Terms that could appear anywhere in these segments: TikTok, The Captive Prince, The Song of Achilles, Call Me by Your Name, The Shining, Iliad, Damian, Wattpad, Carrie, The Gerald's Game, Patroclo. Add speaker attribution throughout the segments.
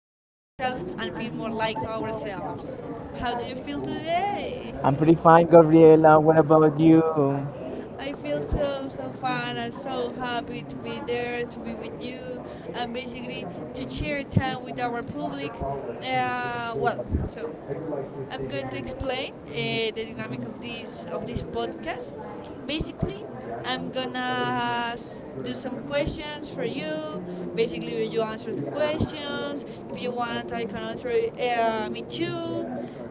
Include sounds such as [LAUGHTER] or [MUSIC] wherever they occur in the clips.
Speaker 1: more like ourselves. How do you feel today?
Speaker 2: I'm pretty fine, Gabriela. What about you?
Speaker 1: I feel so so fun and so happy to be there, to be with you and basically to share time with our public. Uh, well, so I'm going to explain the dynamic of this podcast. Basically, do some questions for you. Basically, you answer the questions. If you want, I can answer me too.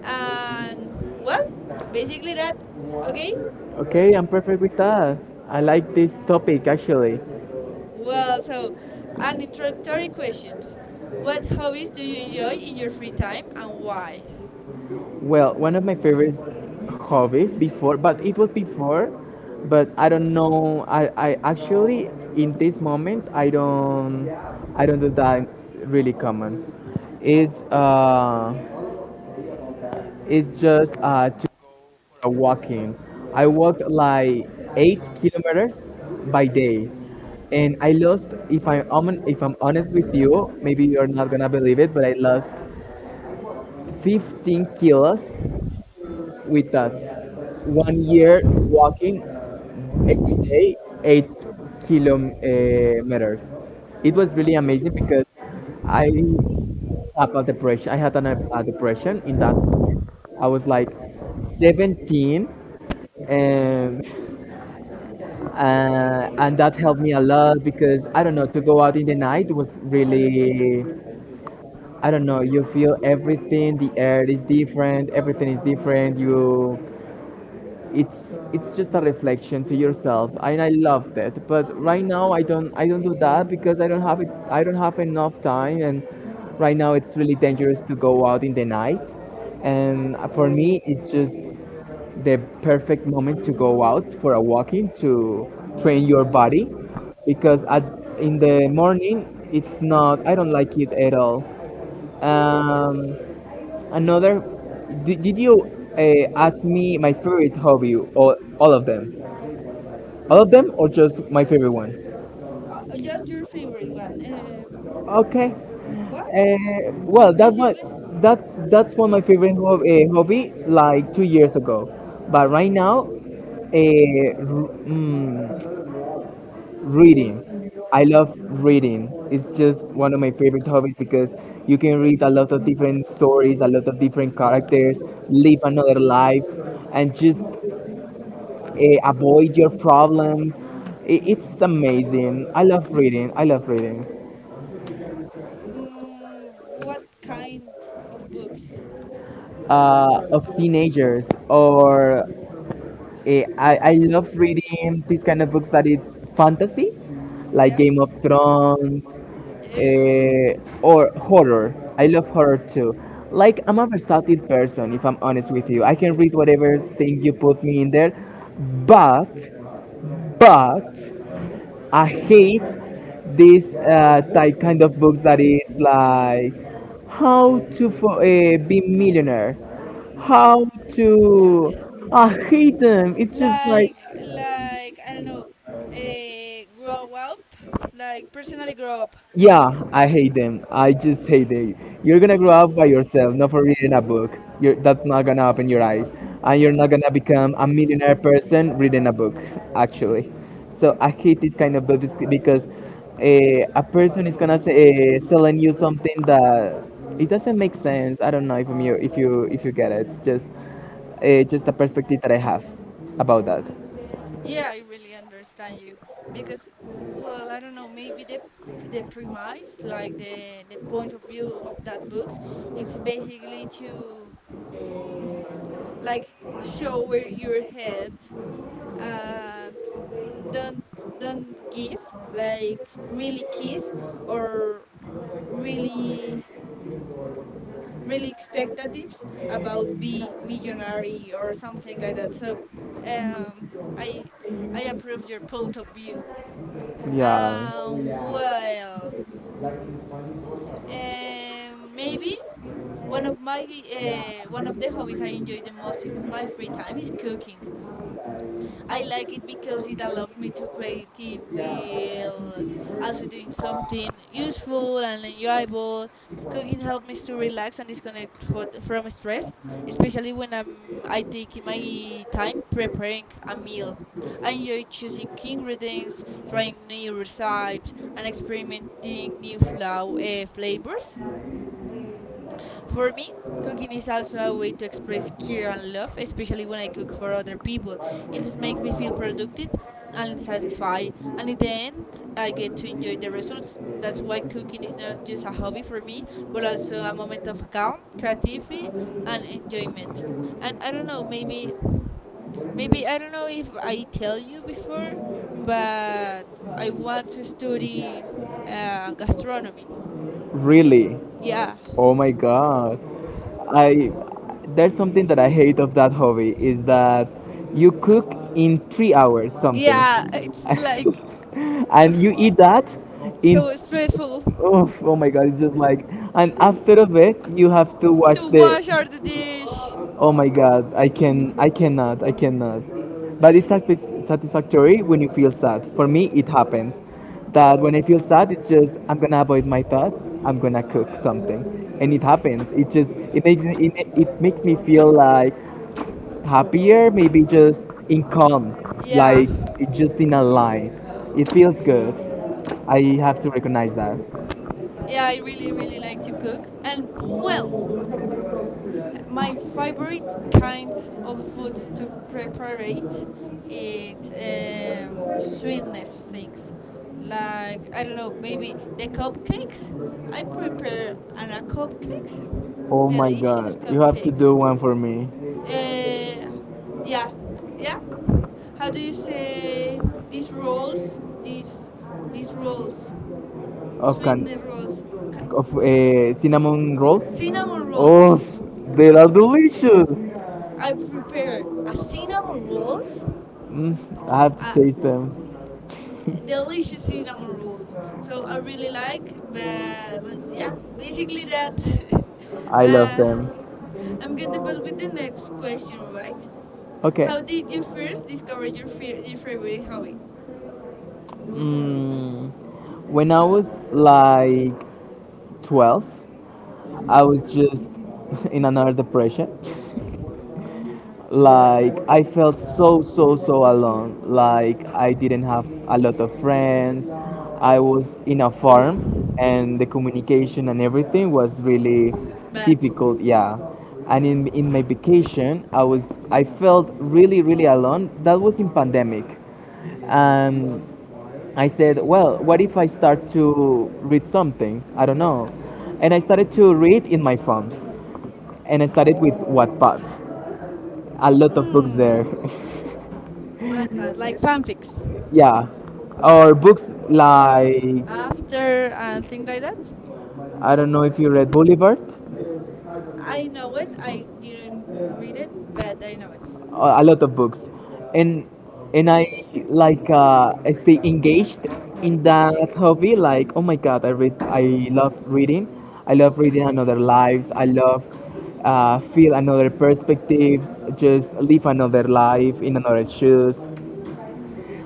Speaker 1: And well, basically that. Okay.
Speaker 2: Okay, I'm perfect with that. I like this topic actually.
Speaker 1: Well, so an introductory questions. What hobbies do you enjoy in your free time and why?
Speaker 2: Well, one of my favorite hobbies before, but it was before, but I don't know. I actually in this moment I don't do that really common. It's uh it's just walking. I walked like 8 kilometers by day, and I lost. If I'm if I'm honest with you, maybe you're not gonna believe it, but I lost 15 kilos with that 1 year walking day, 8 kilometers. It was really amazing because I have a depression. I had a depression in that moment. I was like 17 and [LAUGHS] and that helped me a lot because, I don't know, to go out in the night was really, I don't know, you feel everything. The air is different, everything is different. You It's just a reflection to yourself, and I love that. But right now I don't do that because I don't have enough time, and right now it's really dangerous to go out in the night, and for me it's just the perfect moment to go out for a walking, to train your body because in the morning it's not, I don't like it at all. um, Another, did you ask me my favorite hobby or all of them? All of them or just my favorite one?
Speaker 1: Just your favorite one.
Speaker 2: Okay.
Speaker 1: What?
Speaker 2: Well,
Speaker 1: Basically.
Speaker 2: that's one of my favorite hobby like 2 years ago, but right now, reading. I love reading. It's just one of my favorite hobbies because you can read a lot of different stories, a lot of different characters, live another life, and just avoid your problems. It's amazing. I love reading. I love reading.
Speaker 1: Mm, what kind of books?
Speaker 2: Of teenagers, or I love reading these kind of books that it's fantasy, like
Speaker 1: Yeah.
Speaker 2: Game of Thrones,
Speaker 1: Ew.
Speaker 2: or horror. I love horror too. Like, I'm a versatile person, if I'm honest with you. I can read whatever thing you put me in there, but but I hate this type kind of books that is like how to be millionaire, how to. I hate them. It's just like.
Speaker 1: Like I don't know. Grow up. Like personally grow up.
Speaker 2: Yeah, I hate them. I just hate it. You're gonna grow up by yourself, not for reading a book. That's not gonna open your eyes, and you're not gonna become a millionaire person reading a book, actually. So I hate this kind of books because, a person is gonna say, selling you something that it doesn't make sense. I don't know if I'm you if you get it. It's just a perspective that I have about that.
Speaker 1: Yeah, I really understand you because well I don't know maybe the premise like the point of view of that books it's basically to like shower your head and don't don't give like really kiss or really really expectatives about be millionaire or something like that. So um, I I approve your point of view.
Speaker 2: Yeah.
Speaker 1: Well,
Speaker 2: But
Speaker 1: maybe one of my one of the hobbies I enjoy the most in my free time is cooking. I like it because it allowed me to creative while also doing something useful and enjoyable. Cooking helped me to relax and disconnect from stress, especially when I'm, I take my time preparing a meal. I enjoy choosing key ingredients, trying new recipes, and experimenting new flavors. For me, cooking is also a way to express care and love, especially when I cook for other people. It makes me feel productive and satisfied, and in the end, I get to enjoy the results. That's why cooking is not just a hobby for me, but also a moment of calm, creativity, and enjoyment. And I don't know, maybe, maybe I don't know if I tell you before, but I want to study gastronomy.
Speaker 2: really.
Speaker 1: Yeah,
Speaker 2: Oh my god. I There's something that I hate of that hobby, is that you cook in 3 hours, yes, something,
Speaker 1: yeah,
Speaker 2: [LAUGHS]
Speaker 1: it's like
Speaker 2: and you eat that in.
Speaker 1: so stressful
Speaker 2: So, oh, oh my god, it's just like, and after of it you have to watch
Speaker 1: to
Speaker 2: the.
Speaker 1: wash all the dish.
Speaker 2: Oh my god, I can, I cannot, I cannot. But it's satisfactory when you feel sad. For me, it happens that when I feel sad, it's just, I'm gonna avoid my thoughts, I'm gonna cook something, and it happens. It just it makes it makes me feel like happier, maybe just in calm,
Speaker 1: Yeah,
Speaker 2: like, it just in a line. It feels good. I have to recognize that.
Speaker 1: yeah, I really, really like to cook. And well, my favorite kinds of foods to prepare it is sweetness things. Like I don't know, maybe the cupcakes. I prepare and a cupcakes,
Speaker 2: Oh my
Speaker 1: delicious
Speaker 2: god, you have to
Speaker 1: cupcakes.
Speaker 2: do one for me.
Speaker 1: Uh, yeah, yeah. How do you say these rolls? These rolls,
Speaker 2: Of can.
Speaker 1: sweetness rolls, c-
Speaker 2: Of cinnamon rolls.
Speaker 1: cinnamon
Speaker 2: Oh,
Speaker 1: rolls.
Speaker 2: they are delicious.
Speaker 1: I prepare a cinnamon rolls,
Speaker 2: Mm, I have
Speaker 1: a
Speaker 2: to taste them.
Speaker 1: delicious cinnamon rolls. So I really like, but yeah, basically that.
Speaker 2: I
Speaker 1: [LAUGHS]
Speaker 2: love
Speaker 1: uh,
Speaker 2: them.
Speaker 1: I'm going to pass with the next question, right?
Speaker 2: Okay.
Speaker 1: How did you first discover your favorite hobby?
Speaker 2: Mm, when I was like 12, I was just [LAUGHS] in another depression. Like, I felt so so so alone. Like, I didn't have a lot of friends. I was in a farm and the communication and everything was really
Speaker 1: But
Speaker 2: difficult, yeah. And in my vacation, I was, I felt really really alone. That was in pandemic. And I said, well, what if I start to read something? I don't know. And I started to read in my phone. And I started with Wattpad. A lot of books
Speaker 1: hmm,
Speaker 2: there. [LAUGHS]
Speaker 1: what? But like fanfics.
Speaker 2: Yeah, or books like,
Speaker 1: After and things like that.
Speaker 2: I don't know if you read Boulevard,
Speaker 1: I know it. I didn't read it, but I know it.
Speaker 2: a lot of books, and and I like, I stay engaged in that hobby. Like, oh my god, I read, I love reading. I love reading another lives. I love feel another perspectives. Just live another life in another shoes.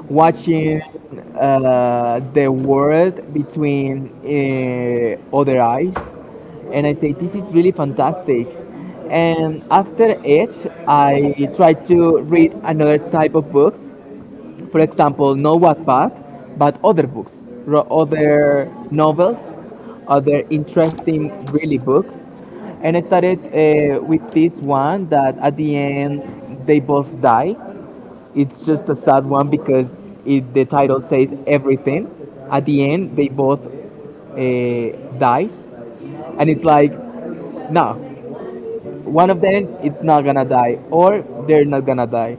Speaker 2: Watching the world between other eyes, and I say, this is really fantastic. And after it I try to read another type of books, for example not Wattpad but other books, other novels, other interesting really books. And I started with this one that at the end they both die. It's just a sad one because the title says everything. At the end, they both dies, and it's like, no, one of them it's not gonna die, or they're not gonna die,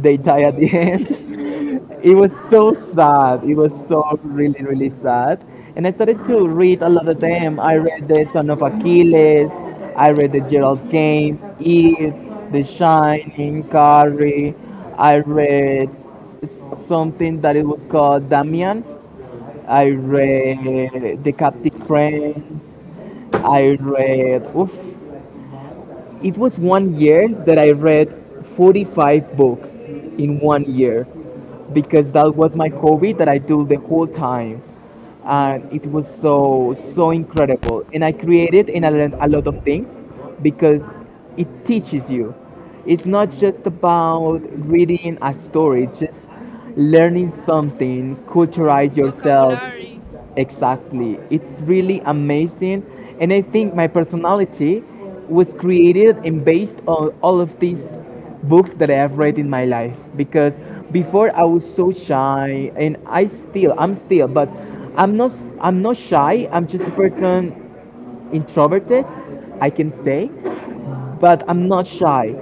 Speaker 2: they die at the end. [LAUGHS] It was so sad. It was so really, really sad. And I started to read a lot of them. I read The Son of Achilles, I read The Gerald's Game, Eve, The Shining, Carrie. I read s- something that it was called Damian. I read The Captive Prince. I read, oof, it was 1 year that I read 45 books in 1 year because that was my hobby that I do the whole time. And it was so, so incredible. And I created and I learned a lot of things because it teaches you. It's not just about reading a story, it's just learning something, culturize yourself.
Speaker 1: Vocabulary.
Speaker 2: Exactly. It's really amazing. And I think my personality was created and based on all of these books that I have read in my life. Because before I was so shy, and I'm still, but I'm not I'm not shy. I'm just a person introverted, I can say, but I'm not shy.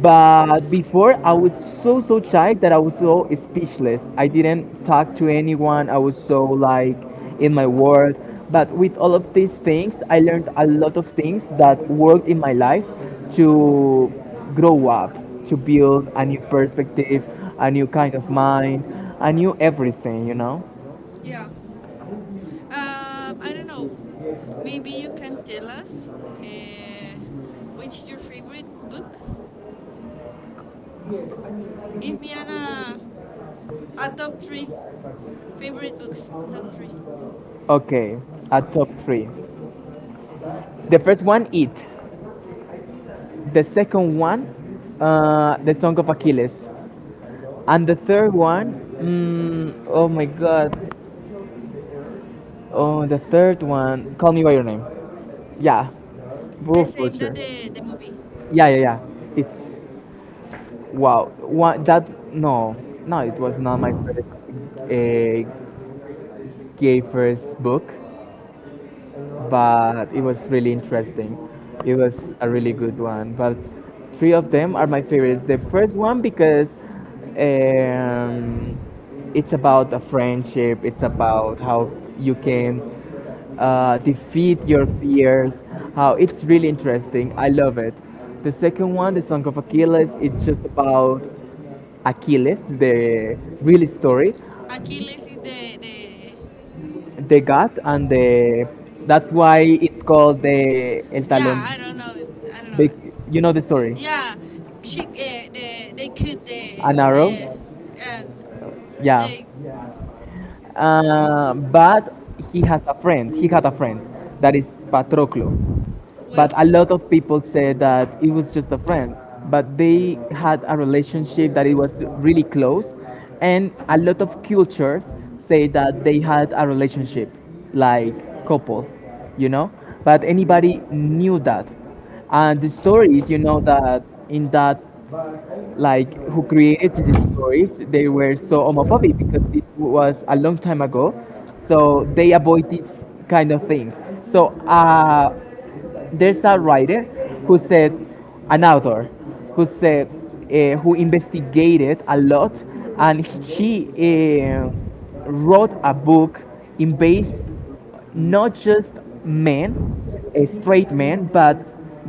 Speaker 2: But before, I was so so shy that I was so speechless. I didn't talk to anyone. I was so like in my world. But with all of these things, I learned a lot of things that worked in my life to grow up, to build a new perspective, a new kind of mind, a new everything. You know.
Speaker 1: Yeah. I don't know. Maybe you can tell us uh, which is your favorite book. Give me an a top three favorite books. Top three.
Speaker 2: Okay, a top three. The first one, eat. The second one, the Song of Achilles, and the third one, mm, oh my God, oh the third one, Call Me by Your Name. Yeah,
Speaker 1: The
Speaker 2: Wolf
Speaker 1: same that
Speaker 2: Butcher.
Speaker 1: the movie.
Speaker 2: Yeah, yeah, yeah. It's wow. One that no, no, it was not my first uh, gay first book. But it was really interesting. It was a really good one. But three of them are my favorites. The first one because um, it's about a friendship. It's about how you can defeat your fears. How, it's really interesting. I love it. The second one, the Song of Achilles, it's just about Achilles, the real story,
Speaker 1: Achilles is the.
Speaker 2: the god, and the. That's why it's called the El. Yeah. Talón.
Speaker 1: Yeah, I don't know. I don't know.
Speaker 2: Big, you know the story.
Speaker 1: Yeah, she, the, they could
Speaker 2: An arrow.
Speaker 1: the and
Speaker 2: Yeah.
Speaker 1: they.
Speaker 2: But he has a friend. He had a friend that is Patroclo. But
Speaker 1: Well,
Speaker 2: a lot of people said that it was just a friend. But they had a relationship that it was really close, and a lot of cultures say that they had a relationship, like couple, you know. But anybody knew that, and the story is, you know, that in that, like, who created these stories, they were so homophobic because it was a long time ago, so they avoid this kind of thing. So, there's a writer who said, an author who said, who investigated a lot, and she wrote a book in base, not just men, straight men, but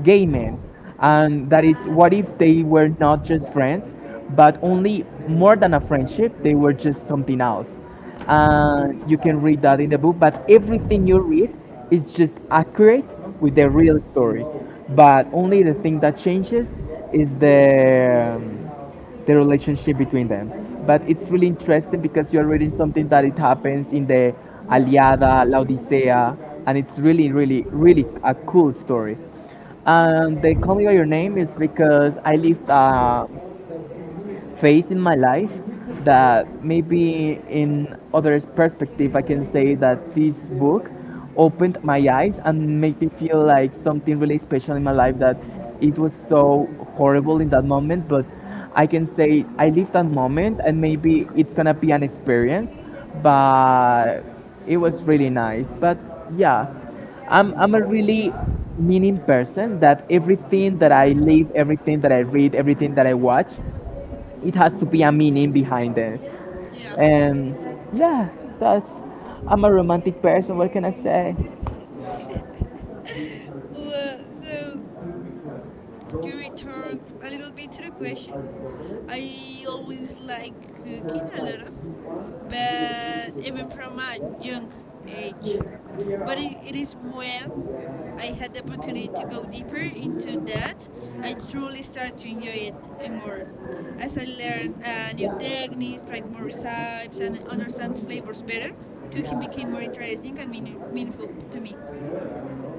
Speaker 2: gay men. And that is, what if they were not just friends, but only more than a friendship, they were just something else. And you can read that in the book, but everything you read is just accurate with the real story. But only the thing that changes is the relationship between them. But it's really interesting because you're reading something that it happens in the Aliada, Laodicea, and it's really, really, really a cool story. And they call me by your name is because I lived a phase in my life that maybe in others' perspective, I can say that this book opened my eyes and made me feel like something really special in my life that it was so horrible in that moment, but I can say I lived that moment and maybe it's gonna be an experience, but it was really nice. But yeah, I'm a really meaning person that everything that I live, everything that I read, everything that I watch it has to be a meaning behind it
Speaker 1: yeah.
Speaker 2: and yeah, that's, I'm a romantic person, what can I say.
Speaker 1: Well, so to return a little bit to the question, I always like cooking a lot of, but even from a young age. But it is when I had the opportunity to go deeper into that, I truly started to enjoy it more. As I learned new techniques, tried more recipes, and understand flavors better, cooking became more interesting and meaningful to me.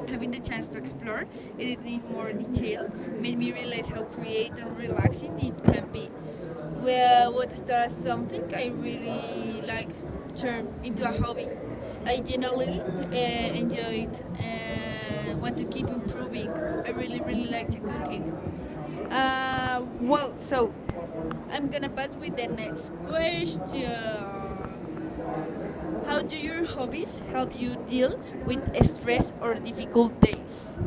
Speaker 1: Having the chance to explore it in more detail made me realize how creative and relaxing it can be. Well, what starts something I really like turned into a hobby. I generally enjoy it and want to keep improving. I really, really like to cooking. So I'm gonna pass with the next question. How do your hobbies help you deal with stress or difficult days?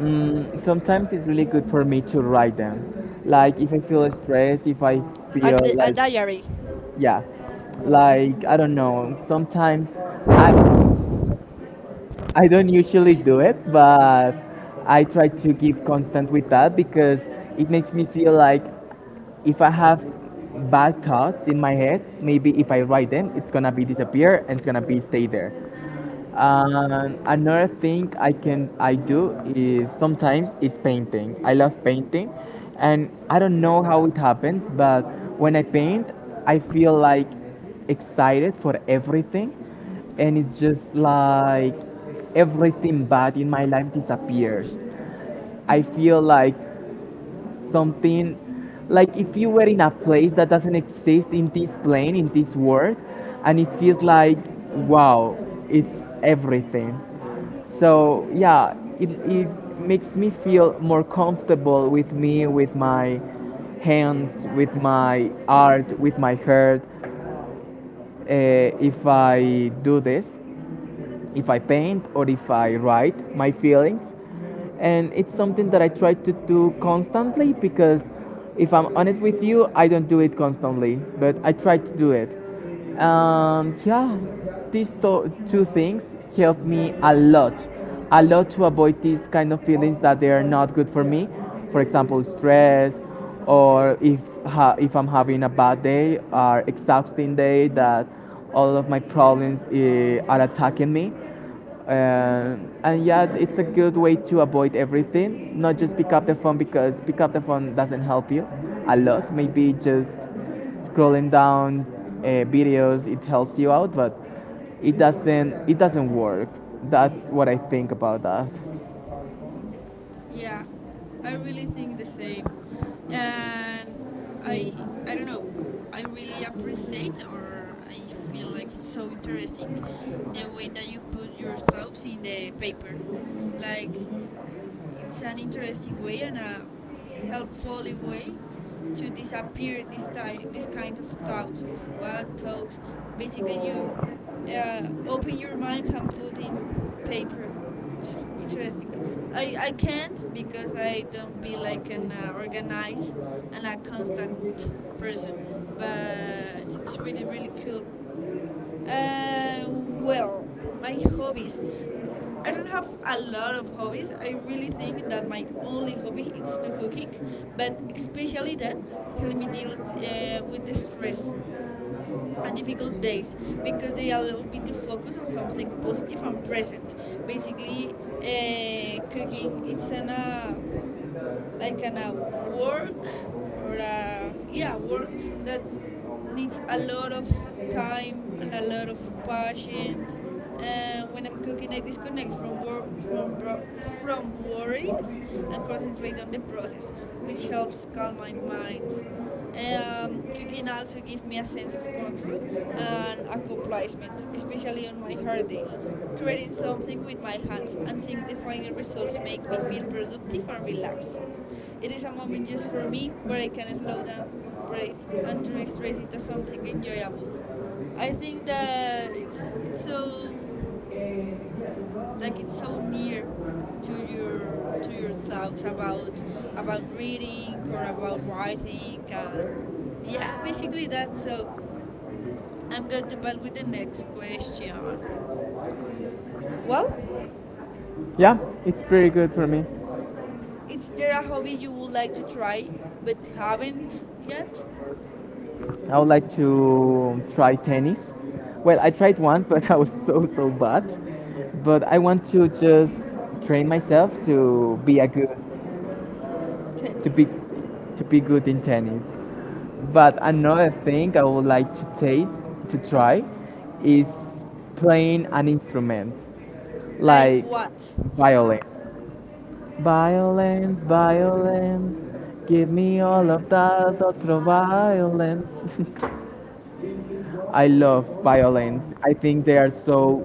Speaker 2: Sometimes it's really good for me to write them, like if I feel stressed, if I
Speaker 1: A
Speaker 2: feel
Speaker 1: a
Speaker 2: like,
Speaker 1: diary.
Speaker 2: yeah, like I don't know, sometimes I don't usually do it, but I try to give constant with that because it makes me feel like if I have bad thoughts in my head, maybe if I write them, it's gonna be disappear and it's gonna be stay there. And another thing I do is sometimes is painting. I love painting, and I don't know how it happens, but when I paint, I feel like excited for everything, and it's just like everything bad in my life disappears. I feel like something, like if you were in a place that doesn't exist in this plane, in this world, and it feels like, wow, it's everything. So yeah, it makes me feel more comfortable with me, with my hands, with my art, with my heart. If I do this, if I paint or if I write my feelings. And it's something that I try to do constantly because if I'm honest with you, I don't do it constantly, but I try to do it. And yeah, these two things help me a lot, a lot to avoid these kind of feelings that they are not good for me. For example, stress, or if if I'm having a bad day, or exhausting day that all of my problems are attacking me. And yeah, it's a good way to avoid everything. Not just pick up the phone because pick up the phone doesn't help you a lot. Maybe just scrolling down videos, it helps you out but it doesn't work. That's what I think about that.
Speaker 1: Yeah, I really think the same, and I I don't know. I really appreciate, or I feel like it's so interesting, the way that you put your thoughts in the paper. Like it's an interesting way and a helpful way to disappear this type, this kind of thoughts of bad thoughts. Basically, you open your mind and put in paper. It's interesting. I can't because I don't be like an organized and a constant person. But it's really really cool. Uh, well, my hobbies. I don't have a lot of hobbies. I really think that my only hobby is to cooking, but especially that help me deal with the stress and difficult days because they allow me to focus on something positive and present. Basically, cooking it's an like an a work or a yeah work that needs a lot of time and a lot of patience. When I'm cooking, I disconnect from bor- from bro- from worries and concentrate on the process, which helps calm my mind. Cooking also gives me a sense of control and accomplishment, especially on my hard days. Creating something with my hands and seeing the final results make me feel productive and relaxed. It is a moment just for me where I can slow down, breathe, and turn stress into something enjoyable. I think that it's so like it's so near to your talks about reading or about writing and yeah, basically that. So I'm going to pass with the next question. Well,
Speaker 2: Yeah, it's pretty good for me.
Speaker 1: is there a hobby you would like to try but haven't yet?
Speaker 2: I would like to try tennis. Well, I tried once but [LAUGHS] I was so, so bad, but I want to just train myself to be a good, to be,
Speaker 1: Tennis.
Speaker 2: to be good in tennis. But another thing I would like to taste, to try, is playing an instrument
Speaker 1: Like
Speaker 2: like
Speaker 1: what?
Speaker 2: violin. Violence, violence, give me all of that ultra violence. [LAUGHS] I love violence. I think they are so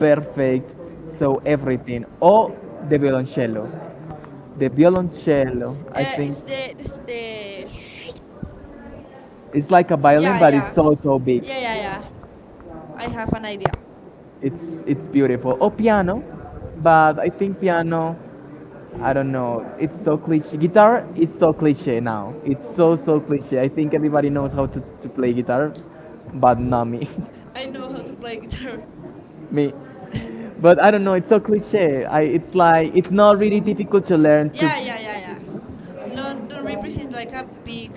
Speaker 2: perfect, so everything. Oh, the violoncello. The violoncello, I think
Speaker 1: It's the this the.
Speaker 2: it's like a violin,
Speaker 1: Yeah,
Speaker 2: but
Speaker 1: yeah,
Speaker 2: it's so, so big.
Speaker 1: yeah, yeah, yeah. I have an idea.
Speaker 2: It's beautiful. Oh, piano, but I think piano, I don't know. It's so cliche. Guitar is so cliche now. It's so, so cliche. I think everybody knows how to play guitar, but not me.
Speaker 1: I know how to play guitar. [LAUGHS]
Speaker 2: [LAUGHS] Me. But I don't know. It's so cliche. I, it's like it's not really difficult to learn to.
Speaker 1: Yeah, yeah, yeah, yeah. Don't represent like a big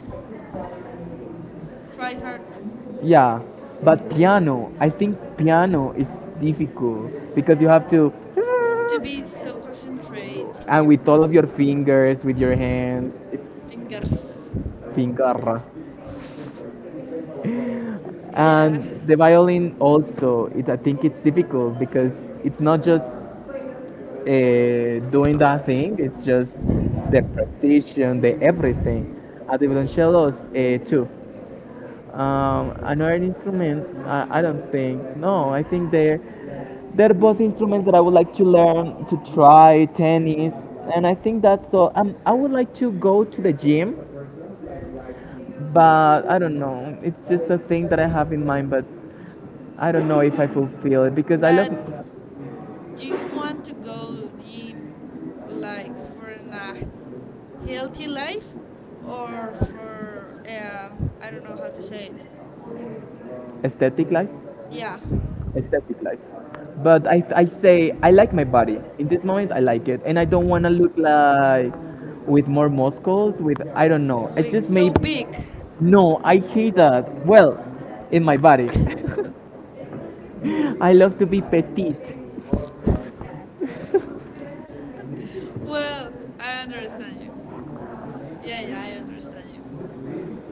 Speaker 1: try hard
Speaker 2: Yeah, but piano. I think piano is difficult because you have to,
Speaker 1: to be so concentrating
Speaker 2: and
Speaker 1: your
Speaker 2: with all of your fingers with your hand. It's
Speaker 1: fingers.
Speaker 2: pingarra.
Speaker 1: Yeah,
Speaker 2: And the violin also it, I think it's difficult because it's not just doing that thing, it's just the precision, the everything at the violoncellos too. Another instrument, I don't think, no, I think they're both instruments that I would like to learn, to try tennis. And I think that's all. I would like to go to the gym, but I don't know, it's just a thing that I have in mind, but I don't know if I fulfill it because I love
Speaker 1: but do you want to go gym like for a healthy life or for I don't know how to say it.
Speaker 2: aesthetic life,
Speaker 1: Yeah,
Speaker 2: aesthetic life. But I say I like my body. In this moment, I like it, and I don't want to look like with more muscles. With I don't know. I
Speaker 1: we
Speaker 2: just may.
Speaker 1: so big.
Speaker 2: No, I hate that. Well, in my body, [LAUGHS] I love to be petite.
Speaker 1: Well, I understand you. Yeah, yeah, I understand you.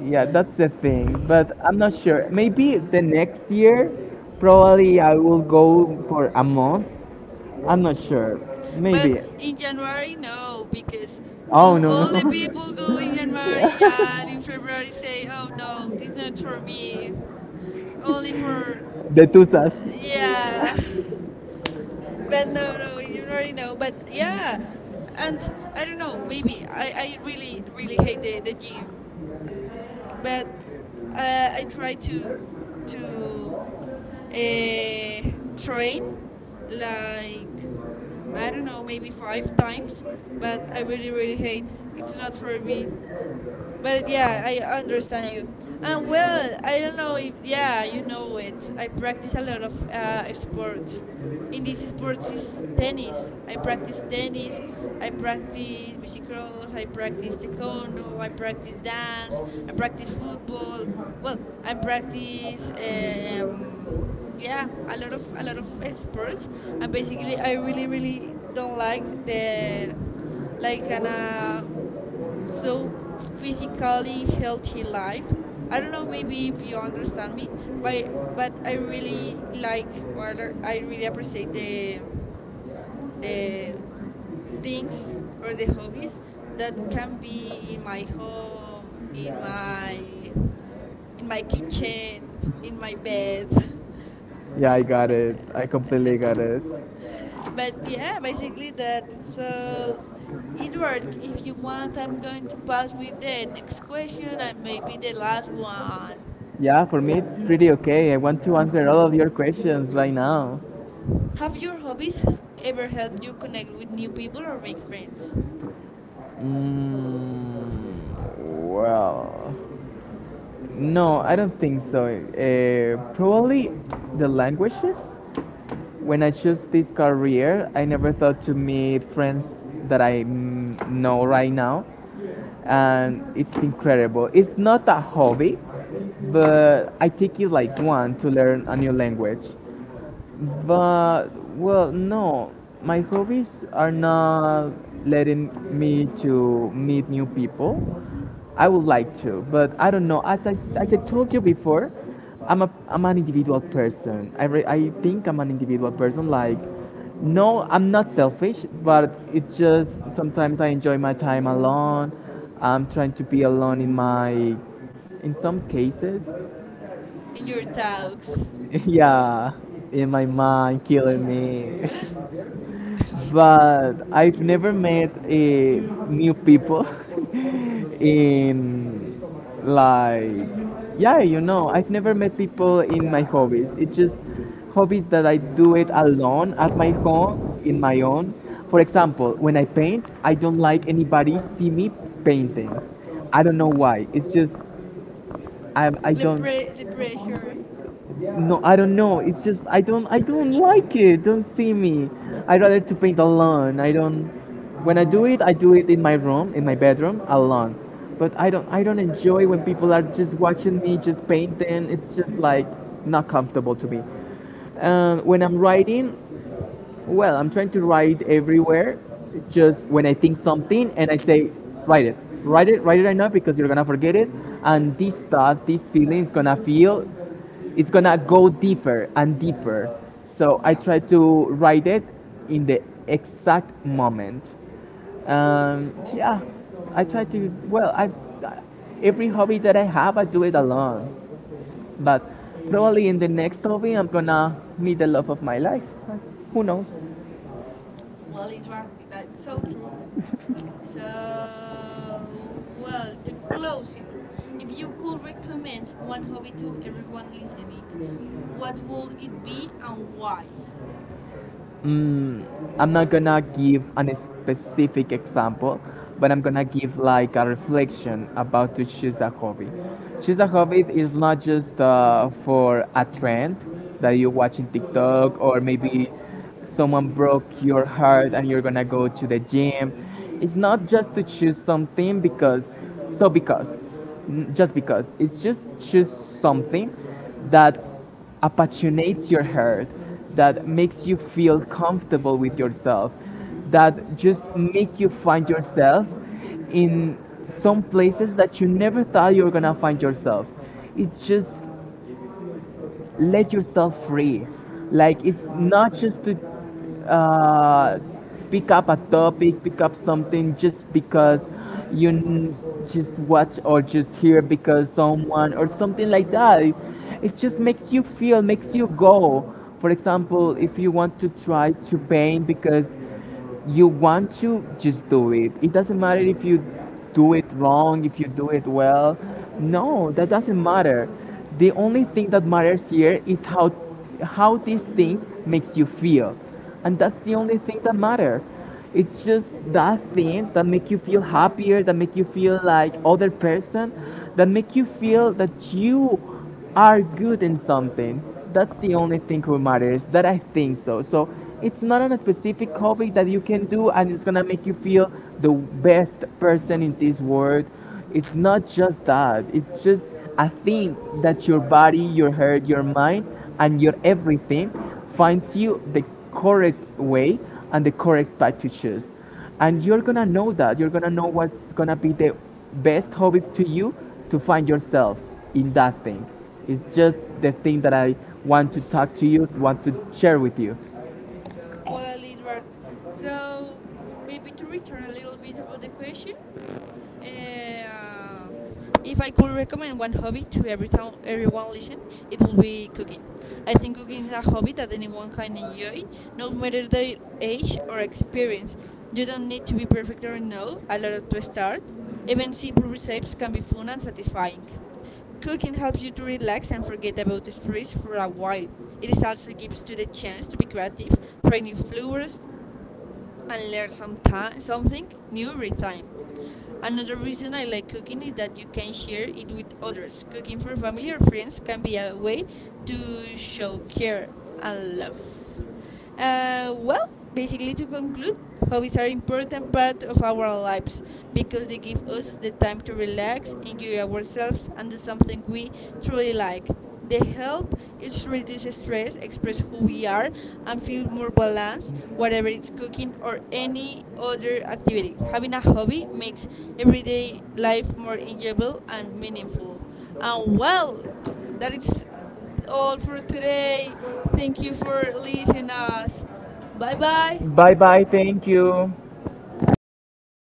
Speaker 2: Yeah, that's the thing. But I'm not sure. Maybe the next year, probably I will go for a month. I'm not sure.
Speaker 1: But
Speaker 2: Maybe.
Speaker 1: in January, no, because
Speaker 2: Oh no,
Speaker 1: all the
Speaker 2: no.
Speaker 1: people
Speaker 2: [LAUGHS]
Speaker 1: go in January
Speaker 2: Yeah.
Speaker 1: and in February say, oh no, it's not for me, only for,
Speaker 2: [LAUGHS] The tutas.
Speaker 1: yeah. But no, no, in January, no. But yeah, and I don't know, maybe I really, really hate the gym, but I try to uh, train like I don't know maybe five times, but I really really hate. It's not for me. But yeah, I understand you. And well, I don't know if yeah, you know it. I practice a lot of sports. In this sport is tennis. I practice tennis. I practice bicicross. I practice taekwondo. I practice dance. I practice football. Well, I practice yeah a lot of sports. And basically, I really really don't like the like kind of so physically healthy life. I don't know maybe if you understand me, but but I really like or I really appreciate the things or the hobbies that can be in my home, in my kitchen, in my bed.
Speaker 2: Yeah, I got it. I completely got it.
Speaker 1: [LAUGHS] but yeah, basically that. So Edward, if you want, I'm going to pass with the next question and maybe the last one.
Speaker 2: Yeah, for me it's pretty okay. I want to answer all of your questions right now.
Speaker 1: Have your hobbies ever helped you connect with new people or make friends?
Speaker 2: Mm, well, no, I don't think so. Probably the languages. When I chose this career, I never thought to meet friends that I know right now. And it's incredible. It's not a hobby, but I take it like one to learn a new language. But well, no, my hobbies are not letting me to meet new people. I would like to, but I don't know. As I, as I told you before, I'm a, I'm an individual person. I think I'm an individual person. Like, no, I'm not selfish, but it's just sometimes I enjoy my time alone. I'm trying to be alone in my, in some cases,
Speaker 1: In your talks,
Speaker 2: [LAUGHS] yeah, in my mind, killing me. [LAUGHS] But I've never met new people [LAUGHS] in, like, yeah, you know, I've never met people in my hobbies, it's just hobbies that I do it alone at my home, in my own. For example, when I paint, I don't like anybody see me painting. I don't know why, it's just I
Speaker 1: the,
Speaker 2: don't,
Speaker 1: the pressure.
Speaker 2: no, I don't know. It's just I don't like it. Don't see me. I rather to paint alone. I don't, when I do it in my room, in my bedroom, alone. But I don't enjoy when people are just watching me just painting. It's just like not comfortable to me. When I'm writing, well, I'm trying to write everywhere. Just when I think something and I say, write it, write it, write it right now because you're gonna forget it, and this thought, this feeling is gonna feel, it's gonna go deeper and deeper. So I
Speaker 1: Yeah.
Speaker 2: try to write it in the exact moment. Yeah, I try to. Well, I, every hobby that I have, I do it alone. But probably in the next hobby, I'm gonna meet the love of my life. Who knows?
Speaker 1: Well, Edward, that's so true. So, well, to closing, if you could recommend one hobby to everyone listening, what would it be and why?
Speaker 2: Mm, I'm not gonna give an specific example, but I'm gonna give like a reflection about to choose a hobby. Choose a hobby is not just for a trend that you watch in TikTok or maybe someone broke your heart and you're gonna go to the gym. It's not just to choose something because, so because, just because, it's just choose something that appassionates your heart, that makes you feel comfortable with yourself, that just make you find yourself in some places that you never thought you were gonna find yourself. It's just let yourself free. Like it's not just to uh, pick up a topic, pick up something just because you just watch or just hear because someone or something like that. It just makes you feel, makes you go. For example, if you want to try to paint because you want to just do it, it doesn't matter if you do it wrong, if you do it well, no, that doesn't matter. The only thing that matters here is how this thing makes you feel, and that's the only thing that matters. It's just that thing that make you feel happier, that make you feel like other person, that make you feel that you are good in something. That's the only thing who matters. That I think so. So it's not on a specific hobby that you can do, and it's gonna make you feel the best person in this world. It's not just that. It's just a thing that your body, your heart, your mind, and your everything finds you the correct way and the correct path to choose, and you're gonna know, that you're gonna know what's gonna be the best hobby to you, to find yourself in that thing. It's just the thing that I want to talk to you, want to share with you.
Speaker 1: Well, Edward, so maybe to return a little bit about the question, uh, if I could recommend one hobby to every town, everyone listen, it would be cooking. I think cooking is a hobby that anyone can enjoy, no matter their age or experience. You don't need to be perfect or know a lot to start. Even simple recipes can be fun and satisfying. Cooking helps you to relax and forget about the stress for a while. It is also gives you the chance to be creative, try new flavors, and learn something new every time. Another reason I like cooking is that you can share it with others. Cooking for family or friends can be a way to show care and love. Well, basically, to conclude, hobbies are important part of our lives because they give us the time to relax, enjoy ourselves, and do something we truly like. They help us reduce stress, express who we are, and feel more balanced, whatever it's cooking or any other activity. Having a hobby makes everyday life more enjoyable and meaningful. And well, that is all for today. Thank you for listening us. Bye bye.
Speaker 2: Bye bye, thank you.